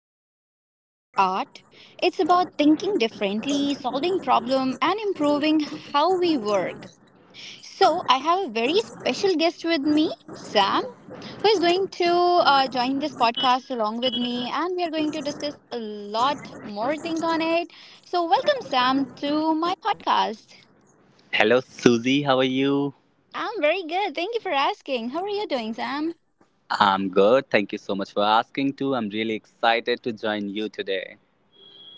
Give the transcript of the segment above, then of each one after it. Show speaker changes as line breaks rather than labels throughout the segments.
not just about art, it's about thinking differently, solving problem, and improving how we work. So, I have a very special guest with me, Sam, who is going to join this podcast along with me, and we are going to discuss a lot more thing on it. So, welcome, Sam, to my podcast.
Hello, Susie. How are you?
I'm very good. Thank you for asking. How are you doing, Sam?
I'm good. Thank you so much for asking, too. I'm really excited to join you today.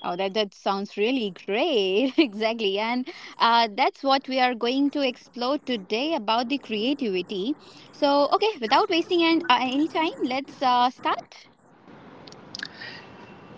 Oh, that sounds really great. Exactly. And that's what we are going to explore today about the creativity. So, okay, without wasting any time, let's start.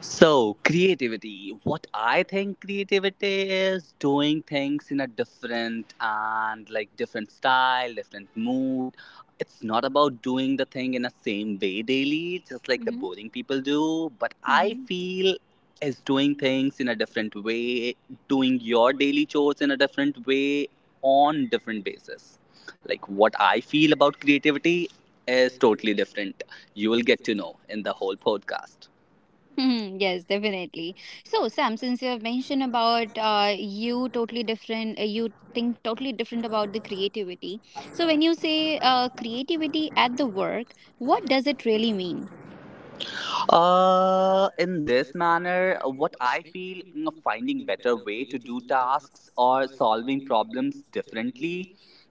So, creativity. What I think creativity is doing things in a different and like different style, different mood. It's not about doing the thing in the same way daily, just like the boring people do. But I
Mm-hmm.
feel is doing things in a different way, doing your daily chores in a different way on different basis. Like what I feel about creativity is totally different. You will get to know in the whole podcast.
Hmm, yes, definitely. So, Sam, since you have mentioned about you totally different, you think totally different about the creativity. So, when you say creativity at the work, what does it really mean?
In this manner, what I feel finding better way to do tasks or solving problems differently.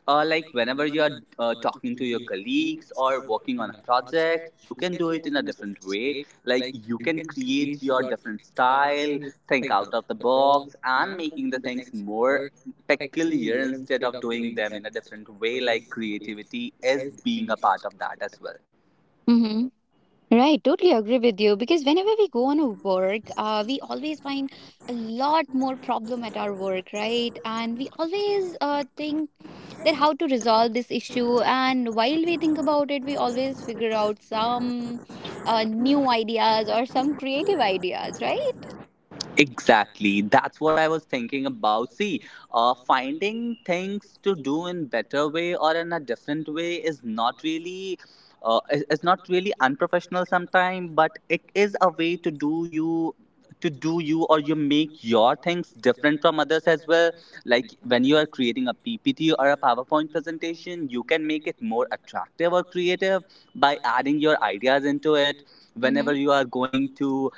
Like whenever you are talking to your colleagues or working on a project, you can do it in a different way. Like you can create your different style, think out of the box, and making the things more peculiar instead of doing them in a different way. Like creativity is being a part of that as well.
Right, totally agree with you because whenever we go on a work, we always find a lot more problem at our work, right? And we always think that how to resolve this issue. And while we think about it, we always figure out some new ideas or some creative ideas, right?
Exactly. That's what I was thinking about. See, finding things to do in better way or in a different way is not really unprofessional sometimes, but it is a way to do you or you make your things different from others as well, like when you are creating a ppt or a powerpoint presentation, you can make it more attractive or creative by adding your ideas into it. Whenever
Mm-hmm.
you are going to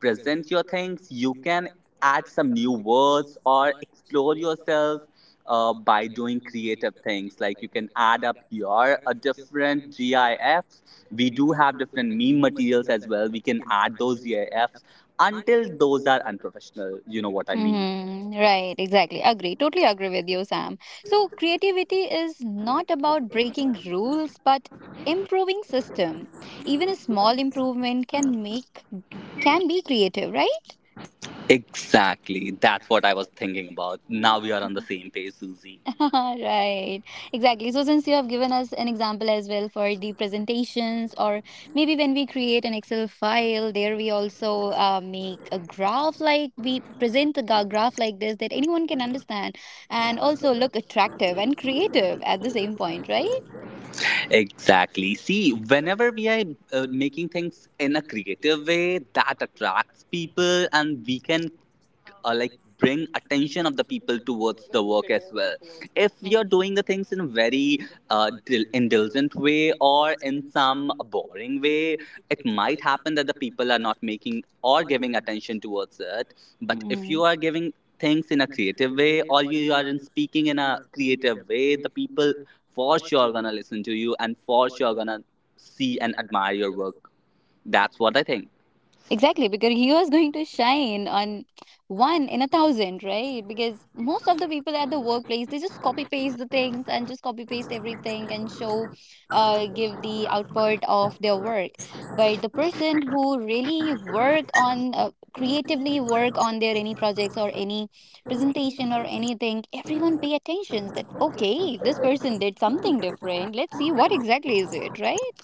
present your things, you can add some new words or explore yourself, by doing creative things. Like you can add up your different gifs, we do have different meme materials as well, we can add those gifs, until those are unprofessional. What I mean,
Mm-hmm. Right, exactly. Agree. Totally agree with you, Sam. So, creativity is not about breaking rules, but improving system. Even a small improvement can make can be creative, right?
exactly, that's what I was thinking about. Now we are on the same page, Susie.
Right, exactly. So since you have given us an example as well for the presentations, or maybe when we create an Excel file, there we also make a graph, like we present the graph like this that anyone can understand and also look attractive and creative at the same point, right?
Exactly. See, whenever we are making things in a creative way that attracts people, and we can, like, bring attention of the people towards the work as well. If you're doing the things in a very, indulgent way or in some boring way, it might happen that the people are not making or giving attention towards it. But if you
Mhm.
are giving things in a creative way, or you are in speaking in a creative way, the people for sure are gonna listen to you, and for sure are gonna see and admire your work. That's what I think.
Exactly, because he was going to shine on one in a thousand, right? Because most of the people at the workplace, they just copy paste the things and just copy paste everything and show, give the output of their work. But the person who really work on, creatively work on their any projects or any presentation or anything, everyone pay attention that, okay, this person did something different. Let's see what exactly is it, right?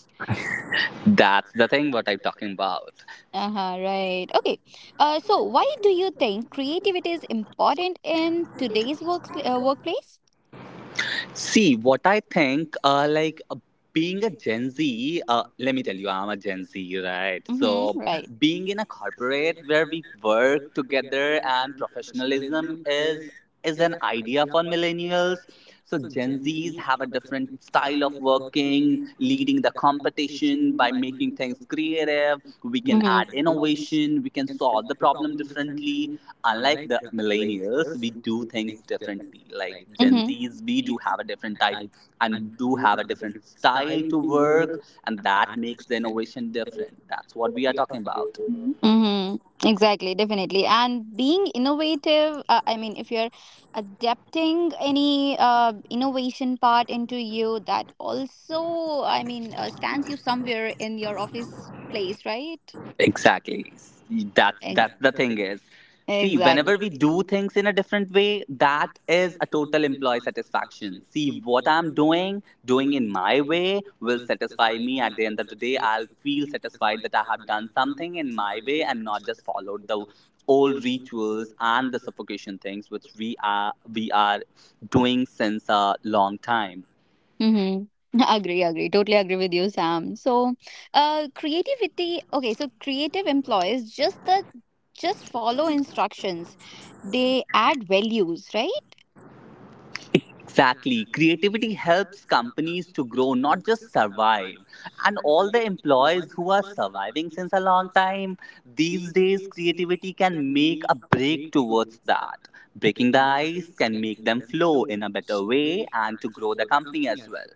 That's the thing what I'm talking about.
Uh-huh, right. Okay. So why do you think creativity is important in today's workplace?
See, what I think, like, being a Gen Z, let me tell you, I'm a Gen Z, right?
Mm-hmm,
So,
right.
being in a corporate where we work together and professionalism is an idea for millennials. So, Gen Zs have a different style of working, leading the competition by making things creative. We can
Mm-hmm.
add innovation. We can solve the problem differently, unlike the millennials. We do things differently. Like Gen
Mm-hmm.
Zs, we do have a different type and do have a different style to work, and that makes the innovation different. That's what we are talking about.
Mm-hmm. Exactly, definitely. And being innovative, I mean, if you're adapting any innovation part into you, that also, I mean, stands you somewhere in your office place, right?
Exactly. That's
Ex-
that's the thing is. See,
Exactly.
whenever we do things in a different way, that is a total employee satisfaction. See, what I'm doing, doing in my way will satisfy me at the end of the day. I'll feel satisfied that I have done something in my way and not just followed the old rituals and the suffocation things which we are doing since a long time.
Mhm. Agree, agree. Totally agree with you, Sam. So, creativity. Okay, so creative employees just follow instructions. They add values, right?
Exactly. Creativity helps companies to grow, not just survive. And all the employees who are surviving since a long time, these days, creativity can make a break towards that. Breaking the ice can make them flow in a better way and to grow the company as well.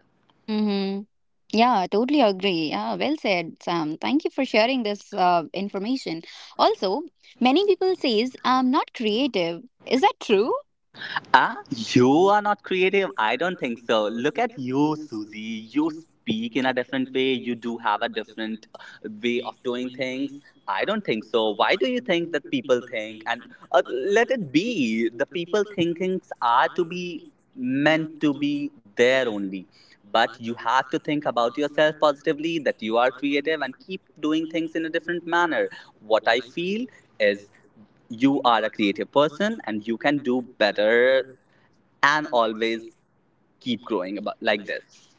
Mm-hmm. Yeah, totally agree. Yeah, well said, Sam. Thank you for sharing this information. Also, many people says I'm not creative. Is that true?
Ah, you are not creative. I don't think so. Look at you, Susie. You speak in a different way. You do have a different, way of doing things. I don't think so. Why do you think that people think? And let it be. The people thinkings are to be meant to be there only. But you have to think about yourself positively, that you are creative, and keep doing things in a different manner. What I feel is you are a creative person and you can do better, and always keep growing about like this.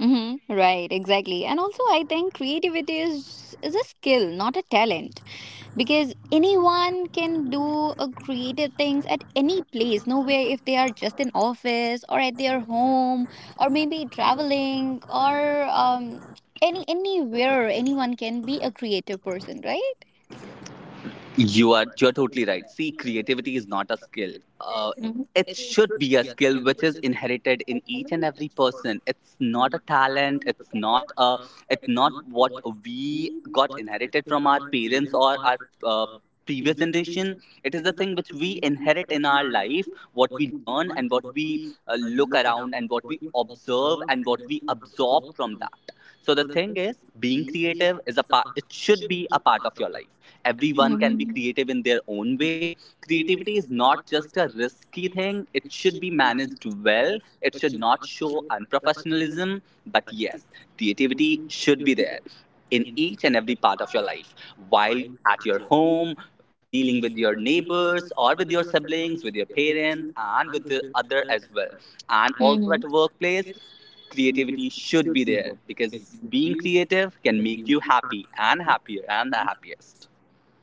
Mm-hmm. Right, exactly. And also, I think creativity is a skill, not a talent. Because anyone can do a creative things at any place nowhere, if they are just in office or at their home or maybe traveling, or um, any anywhere anyone can be a creative person, right?
You're totally right. See, creativity is not a skill. Uh,
Mm-hmm.
it should be a skill which is inherited in each and every person. It's not a talent. It's not a. It's not what we got inherited from our parents or our, uh, previous generation. It is the thing which we inherit in our life, what we learn and what we, look around and what we observe and what we absorb from that. So the thing is, being creative is a part. It should be a part of your life. Everyone can be creative in their own way. Creativity is not just a risky thing, it should be managed well, it should not show unprofessionalism. But yes, creativity should be there in each and every part of your life, while at your home, dealing with your neighbors or with your siblings, with your parents and with the other as well, and also
Mm-hmm.
at the workplace. Creativity should be there because being creative can make you happy and happier and the happiest.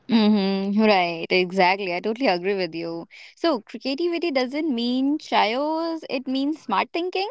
Mm-hmm. Right, exactly. I totally agree with you. So, creativity doesn't mean chaos, it means smart thinking.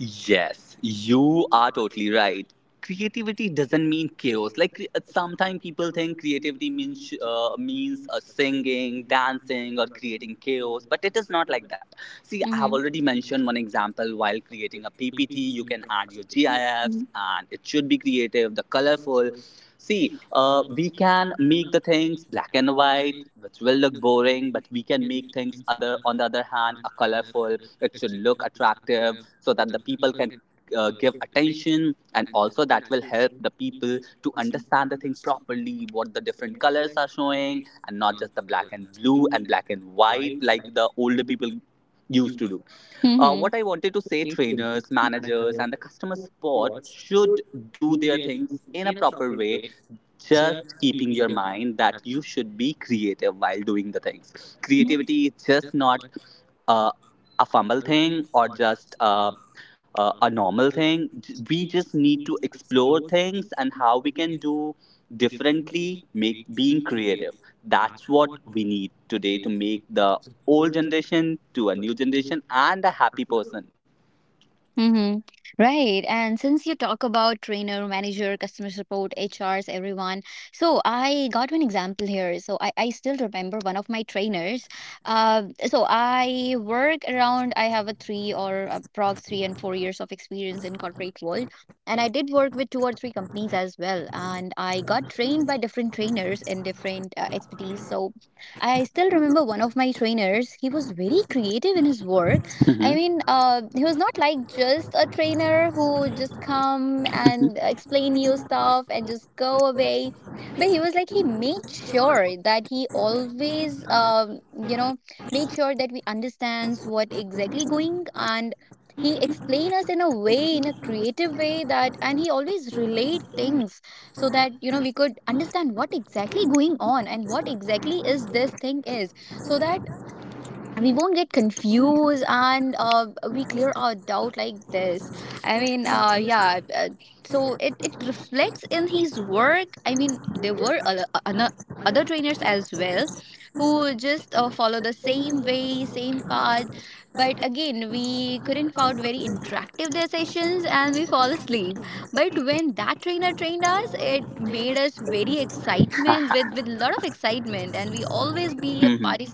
Yes, you are totally right. Creativity doesn't mean chaos. Sometimes people think creativity means singing, dancing, or creating chaos, but it is not like that. See, I have
Mm-hmm.
already mentioned one example. While creating a PPT, you can add your GIFs, and it should be creative, the colorful. See, we can make the things black and white, which will look boring, but we can make things other on the other hand, a colorful. It should look attractive so that the people can, give attention, and also that will help the people to understand the thing properly, what the different colors are showing, and not just the black and blue and black and white like the older people used to do. uh,
Mm-hmm.
what I wanted to say, trainers, managers and the customer support should do their things in a proper way, just keeping your mind that you should be creative while doing the things. Creativity is just not, uh, a fumble thing, or just a, a normal thing. We just need to explore things and how we can do differently, make being creative. That's what we need today to make the old generation to a new generation and a happy person.
Mm-hmm. Right. And since you talk about trainer, manager, customer support, HRs, everyone, so I got one example here. So I still remember one of my trainers. So I work around, I have a three or a prog three and four years of experience in corporate world. And I did work with two or three companies as well. And I got trained by different trainers in different expertise. So I still remember one of my trainers. He was very creative in his work. I
Hmm.
mean, he was not like just a trainer who just come and explain you stuff and just go away. But he was like he made sure that he always, you know, made sure that we understands what exactly going, and he explain us in a way, in a creative way that, and he always relate things so that you know we could understand what exactly going on and what exactly is this thing is, so that we won't get confused and we clear our doubt like this. I mean so it reflects in his work. I mean there were other trainers as well who just follow the same way same path, but again we couldn't found very interactive their sessions and we fall asleep. But when that trainer trained us it made us very excitement with lot of excitement, and we always be a
Hmm.
party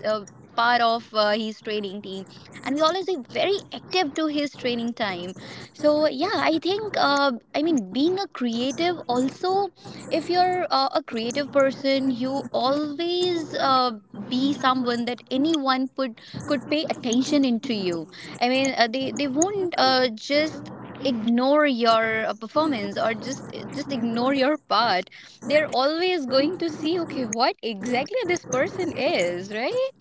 part of his training team, and we always be very active to his training time. So yeah, I think I mean being a creative also, if you're a creative person you always be someone that anyone could pay attention into you. I mean they won't just ignore your performance or just just ignore your part. They're always going to see, okay, what exactly this person is, right?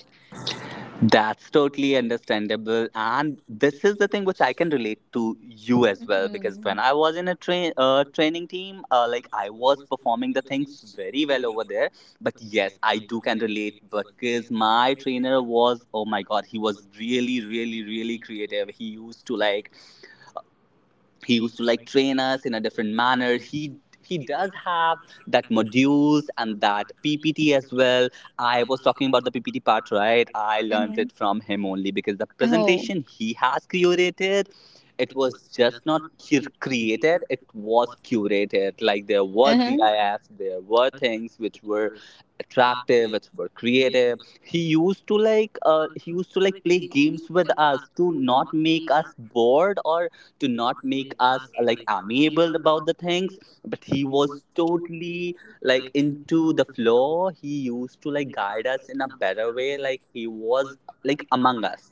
That's totally understandable. And this is the thing which I can relate to you as well, because when
Mm.
I was in a training team, like I was performing the things very well over there. But yes, I do can relate because my trainer was, oh my God, he was really, really, really creative. He used to like train us in a different manner. He does have that modules and that ppt as well. I was talking about the ppt part, right? I learned
Mhm.
it from him only because the
Oh.
presentation he has curated, it was just not created, it was curated. Like there were
Uh-huh.
gifs, there were things which were attractive, which were creative. He used to like play games with us to not make us bored, or to not make us like amiable about the things, but he was totally like into the flow. He used to like guide us in a better way, like he was like among us.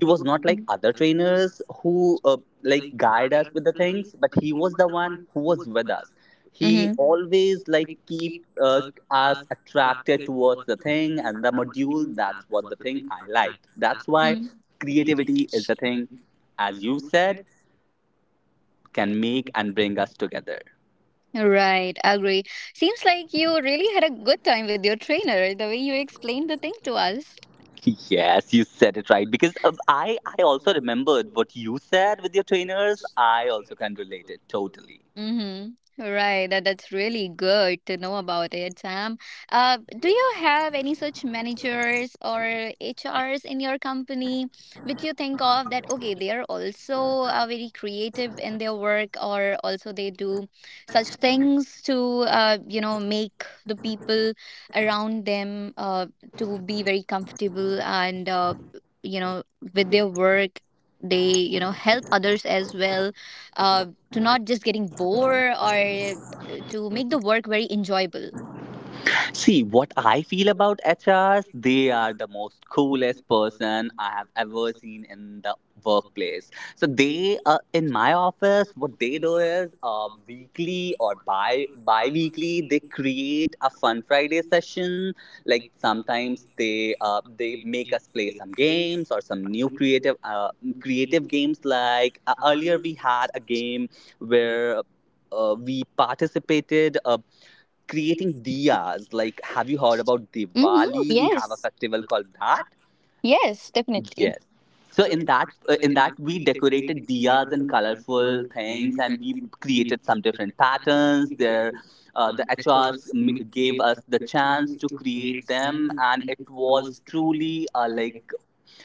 He was not like
Mhm.
other trainers who, like guide us with the things, but he was the one who was with us. He Mhm.
Mhm.
always like keep, uh, us attracted towards the thing and the module. That's what the thing I liked. That's why
Mm.
creativity is the thing, as you said, can make and bring us together.
Right, agree. Seems like you really had a good time with your trainer, the way you explained the thing to us.
Yes, you said it right because I also remembered what you said with your trainers. I also can relate it totally.
Mhm. Right, that that's really good to know about it, Sam. Do you have any such managers or HRs in your company which you think of that, okay, they are also very creative in their work, or also they do such things to you know, make the people around them to be very comfortable and you know, with their work, they, you know, help others as well. Uh to not just getting bored, or to make the work very enjoyable.
See, what I feel about HRs, they are the most coolest person I have ever seen in the workplace. So they, in my office, what they do is weekly or bi bi-weekly, they create a Fun Friday session. Like sometimes they, they make us play some games or some new creative games. Like earlier, we had a game where, we participated. Creating diyas. Like, have you heard about
Mm-hmm.
Diwali? We have a
Yes.
festival called that.
Yes, definitely.
Yes. So in that we decorated diyas and colorful things, and we created some different patterns. There, the HRs gave us the chance to create them, and it was truly like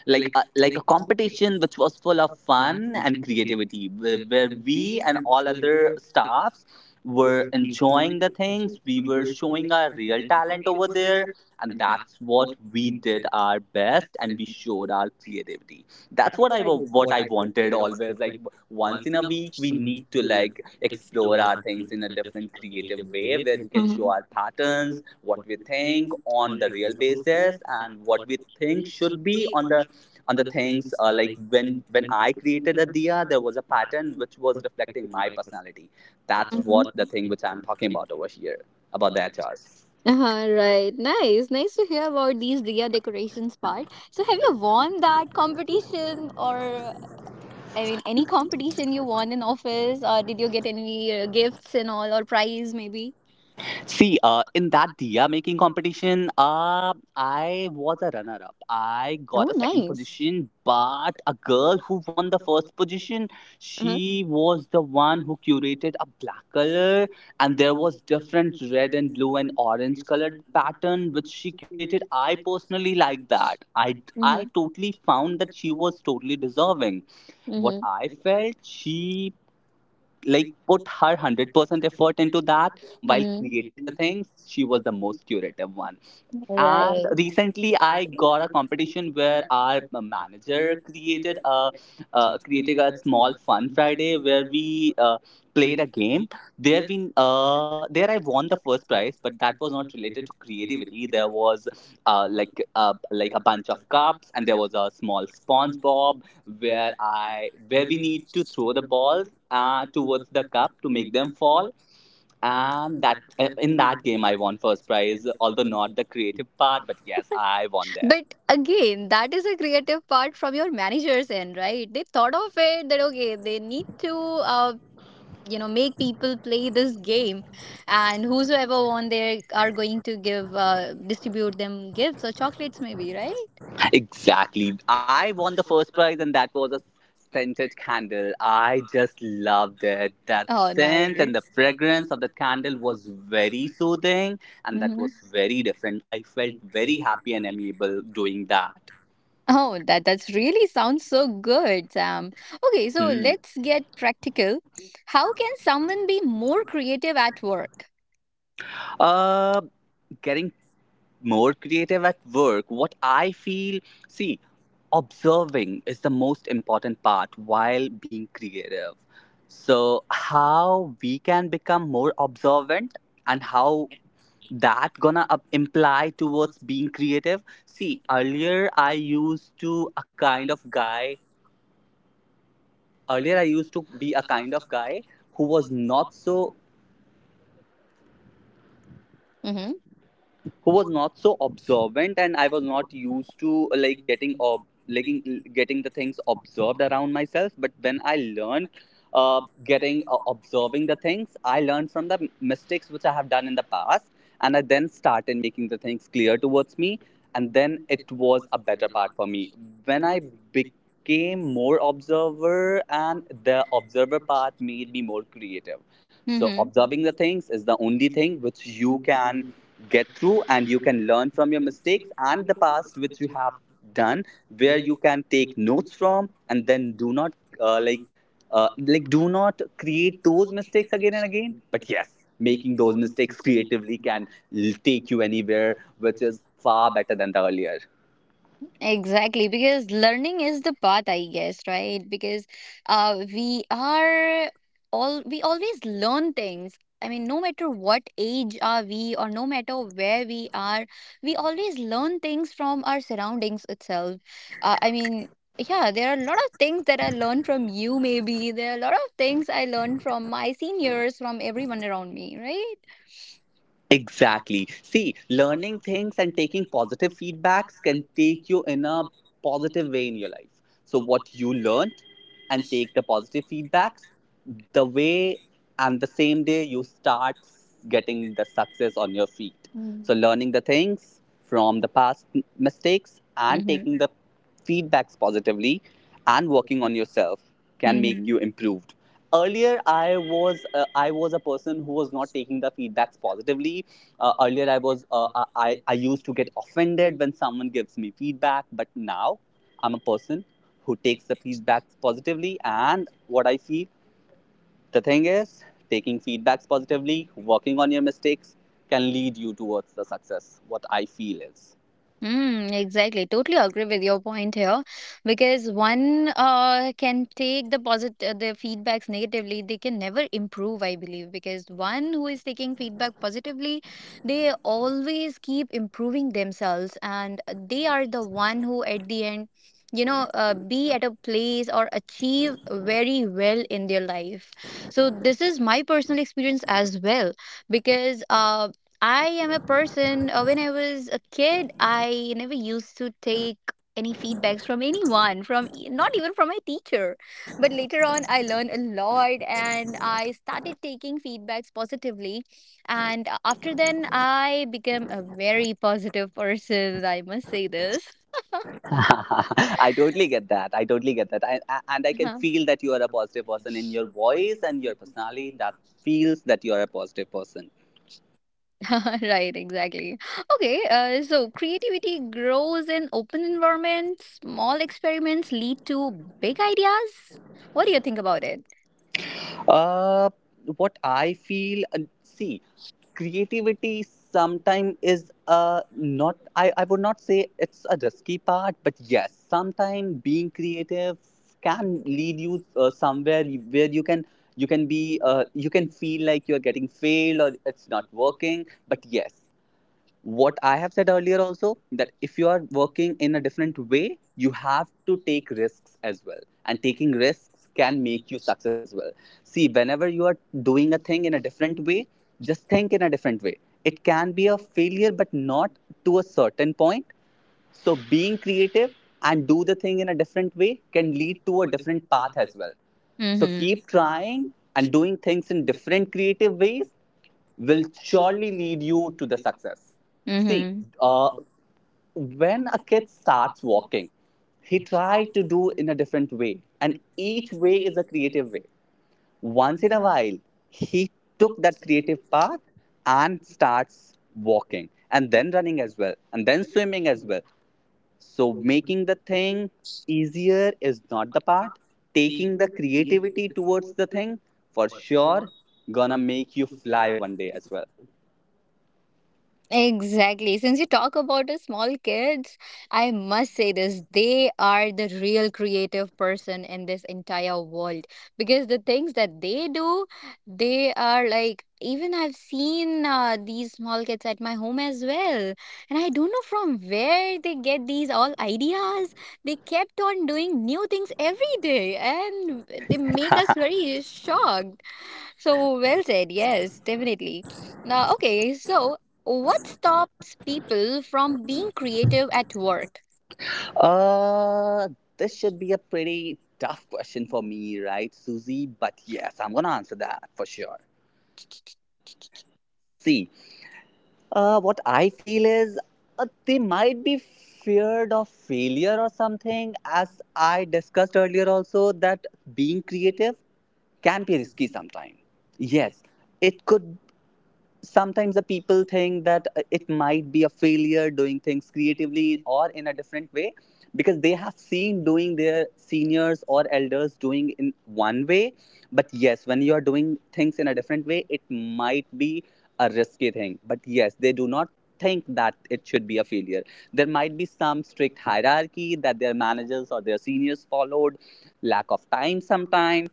like a, like a competition which was full of fun and creativity where we and all other staffs were enjoying the things. We were showing our real talent over there, and that's what we did our best, and we showed our creativity. That's what what I wanted always. Like once in a week we need to like explore our things in a
Mhm.
different creative way where we can show our patterns, what we think on the real basis, and what we think should be on the things, like when I created a diya, there was a pattern which was reflecting my personality. That's
Mhm.
what the thing which I'm talking about over here about the HRs.
Uh-huh, right. Nice. Nice to hear about these Diya decorations part. So have you won that competition? Or I mean any competition you won in office, or did you get any gifts and all or prize maybe?
See, in that diya making competition, I was a runner up. I got
Oh,
a second
nice.
position, but a girl who won the first position,
Uh-huh.
she was the one who curated a black color, and there was different red and blue and orange colored pattern which she curated. I personally like that. I
Mm-hmm.
totally found that she was totally deserving. What
Mm-hmm.
I felt, she like put her 100% effort into that. While
Mm,
creating the things, she was the most curative one. And
right.
recently, I got a competition where our manager created a small Fun Friday where we played a game. There I won the first prize, but that was not related to creativity. There was like a bunch of cups, and there was a small SpongeBob where I where we need to throw the balls towards the cup to make them fall. And that In that game, I won first prize. Although not the creative part, but yes, I won there.
But again, that is a creative part from your manager's end, right? They thought of it that, okay, they need to you know make people play this game, and whosoever won they are going to give distribute them gifts or chocolates maybe, right?
Exactly. I won the first prize, and that was a scented candle. I just loved it. That
Oh
scent and the
nice.
fragrance of the candle was very soothing, and that
Mm-hmm.
was very different. I felt very happy and amiable doing that.
Oh, that that's really sounds so good, Sam. Okay, so
Hmm.
let's get practical. How can someone be more creative at work?
Uh, Getting more creative at work. What I feel, see, observing is the most important part while being creative. So, how we can become more observant, and how that gonna imply towards being creative. See, earlier I used to a kind of guy. Earlier I used to be a kind of guy who was not so
Mm-hmm.
who was not so observant, and I was not used to like like getting the things observed around myself. But when I learned, uh, getting observing the things, I learned from the mistakes which I have done in the past, and I then started making the things clear towards me. And then it was a better part for me when I became more observer, and the observer part made me more creative. So
Mm-hmm.
observing the things is the only thing which you can get through, and you can learn from your mistakes and the past which you have done, where you can take notes from, and then do not uh, like do not create those mistakes again and again. But yes, making those mistakes creatively can take you anywhere, which is far better than the earlier.
Exactly, because learning is the path, I guess, right? Because we are all we always learn things. I mean, no matter what age are we, or no matter where we are, we always learn things from our surroundings itself. I mean, yeah, there are a lot of things that I learned from you. Maybe there are a lot of things I learned from my seniors, from everyone around me, right?
Exactly. See, learning things and taking positive feedbacks can take you in a positive way in your life. So what you learned, and take the positive feedbacks, the way, and the same day you start getting the success on your feet. So,
Mm-hmm.
learning the things from the past mistakes and taking the feedbacks positively and working on yourself can make
Mm-hmm.
you improved. Earlier, I was a person who was not taking the feedbacks positively. Earlier, I used to get offended when someone gives me feedback. But now I'm a person who takes the feedbacks positively, and what I feel, the thing is, taking feedbacks positively, working on your mistakes can lead you towards the success. What I feel is.
Mm, exactly. Totally agree with your point here, because one can take the positive the feedbacks negatively. They can never improve, I believe, because one who is taking feedback positively, they always keep improving themselves, and they are the one who at the end, you know, be at a place or achieve very well in their life. So this is my personal experience as well, because um, I am a person, when I was a kid, I never used to take any feedbacks from anyone, not even from my teacher. But later on, I learned a lot and I started taking feedbacks positively. And after then, I became a very positive person, I must say this.
I totally get that. I totally get that. And I can
Mhm.
feel that you are a positive person in your voice and your personality, that feels that you are a positive person.
Right, exactly. Okay, so creativity grows in open environments, small experiments lead to big ideas. What do you think about it?
Uh, what I feel, see, creativity sometimes is a not, I would not say it's a risky part, but yes, sometimes being creative can lead you somewhere where you can feel like you're getting failed or it's not working. But yes, what I have said earlier also, that if you are working in a different way, you have to take risks as well, and taking risks can make you success as well. See, whenever you are doing a thing in a different way, just think in a different way. It can be a failure, but not to a certain point. So being creative and do the thing in a different way can lead to a different path as well. So keep
Mhm.
trying and doing things in different creative ways will surely lead you to the success. See,
Mhm.
uh, when a kid starts walking, he tries to do in a different way, and each way is a creative way. Once in a while, he took that creative path and starts walking, and then running as well, and then swimming as well. So, making the thing easier is not the part. Taking the creativity towards the thing for sure gonna make you fly one day as well.
Exactly. Since you talk about the small kids, I must say this. They are the real creative person in this entire world because the things that they do, they are like, even I've seen these small kids at my home as well. And I don't know from where they get these all ideas. They kept on doing new things every day and they make us very shocked. So well said. Yes, definitely. Now, okay, so what stops people from being creative at work?
Uh, this should be a pretty tough question for me, right, Susie? But yes, I'm gonna answer that for sure. See, what I feel is, they might be feared of failure or something. As I discussed earlier, also, that being creative can be risky sometimes. Yes, it could, sometimes the people think that it might be a failure doing things creatively or in a different way, because they have seen doing their seniors or elders doing in one way. But yes, when you are doing things in a different way, it might be a risky thing, but yes, they do not think that it should be a failure. There might be some strict hierarchy that their managers or their seniors followed, lack of time sometimes.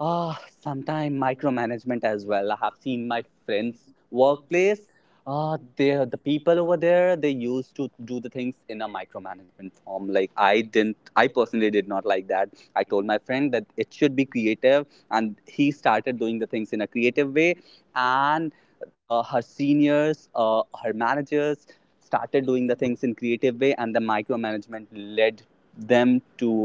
Sometimes micromanagement as well. I have seen my friends' workplace. The people over there, they used to do the things in a micromanagement form. Like, I didn't. I personally did not like that. I told my friend that it should be creative, and he started doing the things in a creative way. And her seniors, her managers started doing the things in creative way, and the micromanagement led them to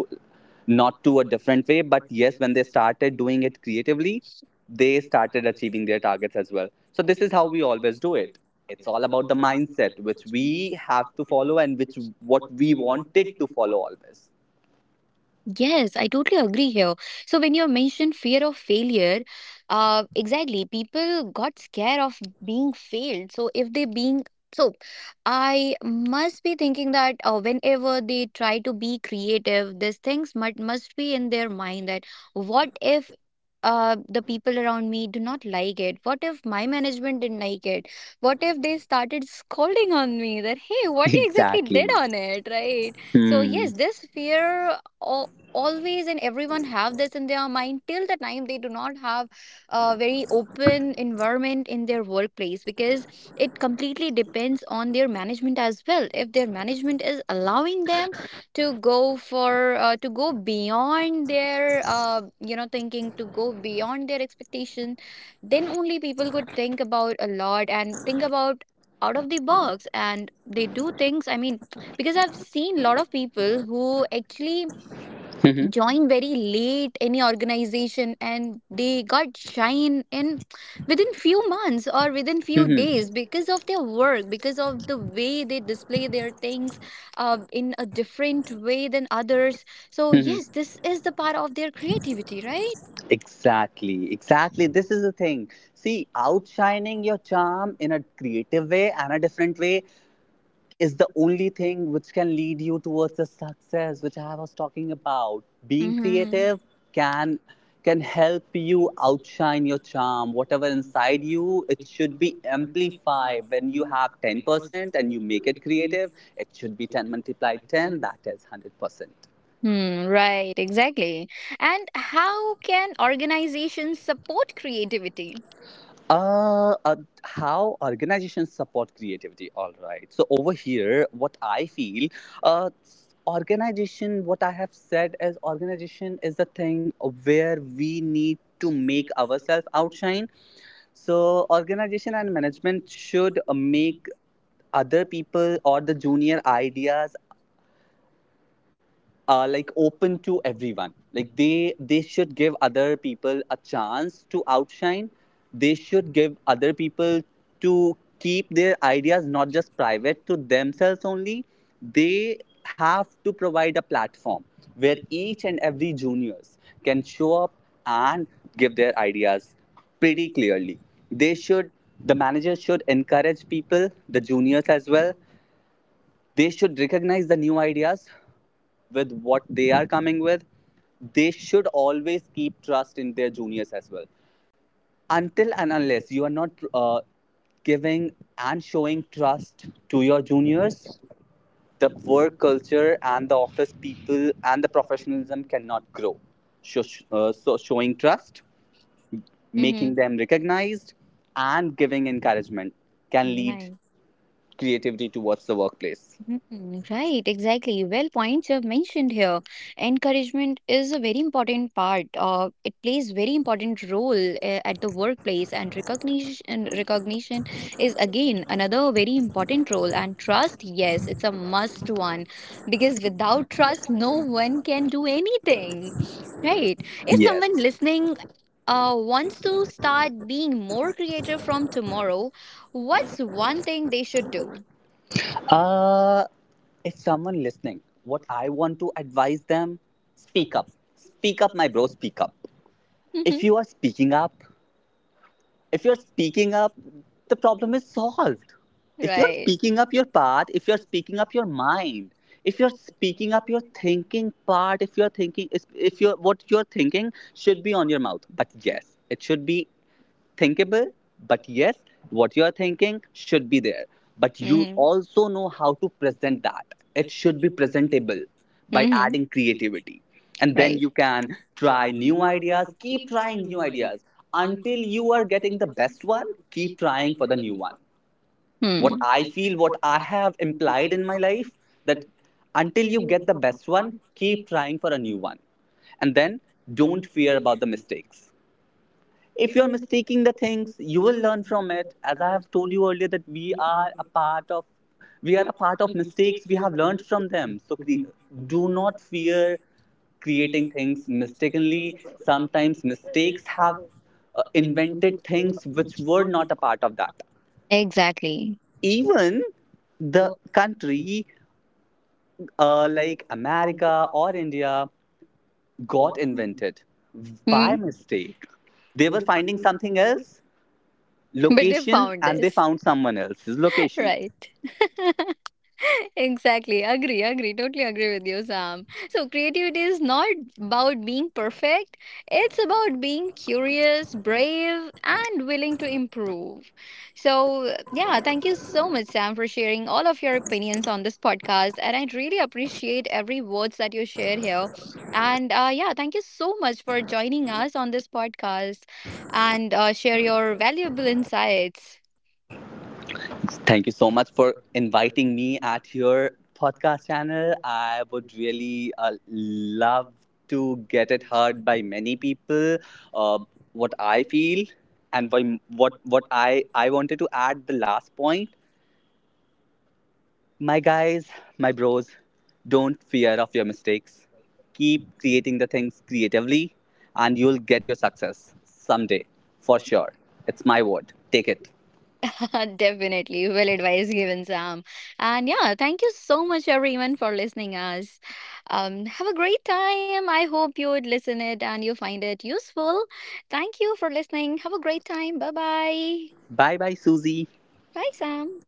not to a different way. But yes, when they started doing it creatively, they started achieving their targets as well. So this is how we always do it. It's all about the mindset which we have to follow, and which what we wanted to follow always.
Yes, I totally agree here. So when you mentioned fear of failure, exactly, people got scared of being failed. So if they being so, I must be thinking that whenever they try to be creative, these things must be in their mind that what if the people around me do not like it? What if my management didn't like it? What if they started scolding on me that, hey, what you exactly
Exactly.
did on it, right? So,
Hmm.
yes, this fear always and everyone have this in their mind till the time they do not have a very open environment in their workplace, because it completely depends on their management as well. If their management is allowing them to go for to go beyond their you know thinking, to go beyond their expectation, then only people could think about a lot and think about out of the box and they do things. I mean, because I've seen a lot of people who actually
Hmm.
join very late any organization and they got shine in within few months or within few
Hmm.
days because of their work, because of the way they display their things in a different way than others. So yes,
Hmm.
this is the part of their creativity, right?
Exactly, exactly. This is the thing. See, outshining your charm in a creative way and a different way is the only thing which can lead you towards the success, which I was talking about. Being
Mm-hmm.
creative can can help you outshine your charm. Whatever inside you, it should be amplified. When you have 10% and you make it creative, it should be 10 multiplied 10, that is 100%.
Hmm, right exactly. And how can organizations support creativity?
Uh, uh, how organizations support creativity. All right. So over here, what I feel, uh, organization. What I have said is, organization is the thing where we need to make ourselves outshine. So organization and management should make other people or the junior ideas like open to everyone. Like, they should give other people a chance to outshine. They should give other people to keep their ideas, not just private to themselves only. They have to provide a platform where each and every juniors can show up and give their ideas pretty clearly. they should the managers should encourage people, the juniors as well. They should recognize the new ideas with what they are coming with. They should always keep trust in their juniors as well. Until and unless you are not giving and showing trust to your juniors, the work culture and the office people and the professionalism cannot grow. So, so, showing trust, making
Mm-hmm.
them recognized, and giving encouragement can lead
Right.
creativity towards the workplace.
Mm, right, exactly. Well, points you have mentioned here. Encouragement is a very important part. It plays very important role at the workplace, and recognition is again another very important role. And trust, yes, it's a must one because without trust, no one can do anything. Right. If someone
Yes.
listening wants to start being more creative from tomorrow, what's one thing they should do?
Uh, if someone listening, what I want to advise them, speak up. Speak up, my bro, speak up. If you are speaking up, if you're speaking up, the problem is solved. If you're
Right.
speaking up your part, if you're speaking up your mind, if you're speaking up your thinking part, if you're thinking, if you're, what you're thinking should be on your mouth. But yes, it should be thinkable, but yes, what you are thinking should be there. But you
Mhm.
also know how to present that. It should be presentable by
Mhm.
adding creativity. And then
Right.
you can try new ideas, keep trying new ideas until you are getting the best one, keep trying for the new one. What
Hmm.
I feel, what I have implied in my life, that until you get the best one, keep trying for a new one. And then don't fear about the mistakes. If you're mistaking the things, you will learn from it, as I have told you earlier that we are a part of mistakes, we have learned from them. So do not fear creating things mistakenly. Sometimes mistakes have invented things which were not a part of that.
Exactly.
Even the country, like America or India, got invented by
Hmm.
mistake. They were finding something else
But they
location,
found
and they
this.
found someone else's location.
Right. Exactly, agree, totally agree with you, Sam. So creativity is not about being perfect, it's about being curious, brave, and willing to improve. So yeah, thank you so much, Sam, for sharing all of your opinions on this podcast, and I really appreciate every words that you shared here. And yeah, thank you so much for joining us on this podcast and share your valuable insights.
Thank you so much for inviting me at your podcast channel. I would really love to get it heard by many people. Uh, what I feel, what I wanted to add the last point. My guys, my bros, don't fear of your mistakes. Keep creating the things creatively, and you'll get your success someday for sure. It's my word. Take it.
Definitely. Well advised given, Sam. And yeah, thank you so much everyone for listening us. Um, have a great time. I hope you would listen it and you find it useful. Thank you for listening. Have a great time. Bye bye.
Bye bye, Susie.
Bye Sam.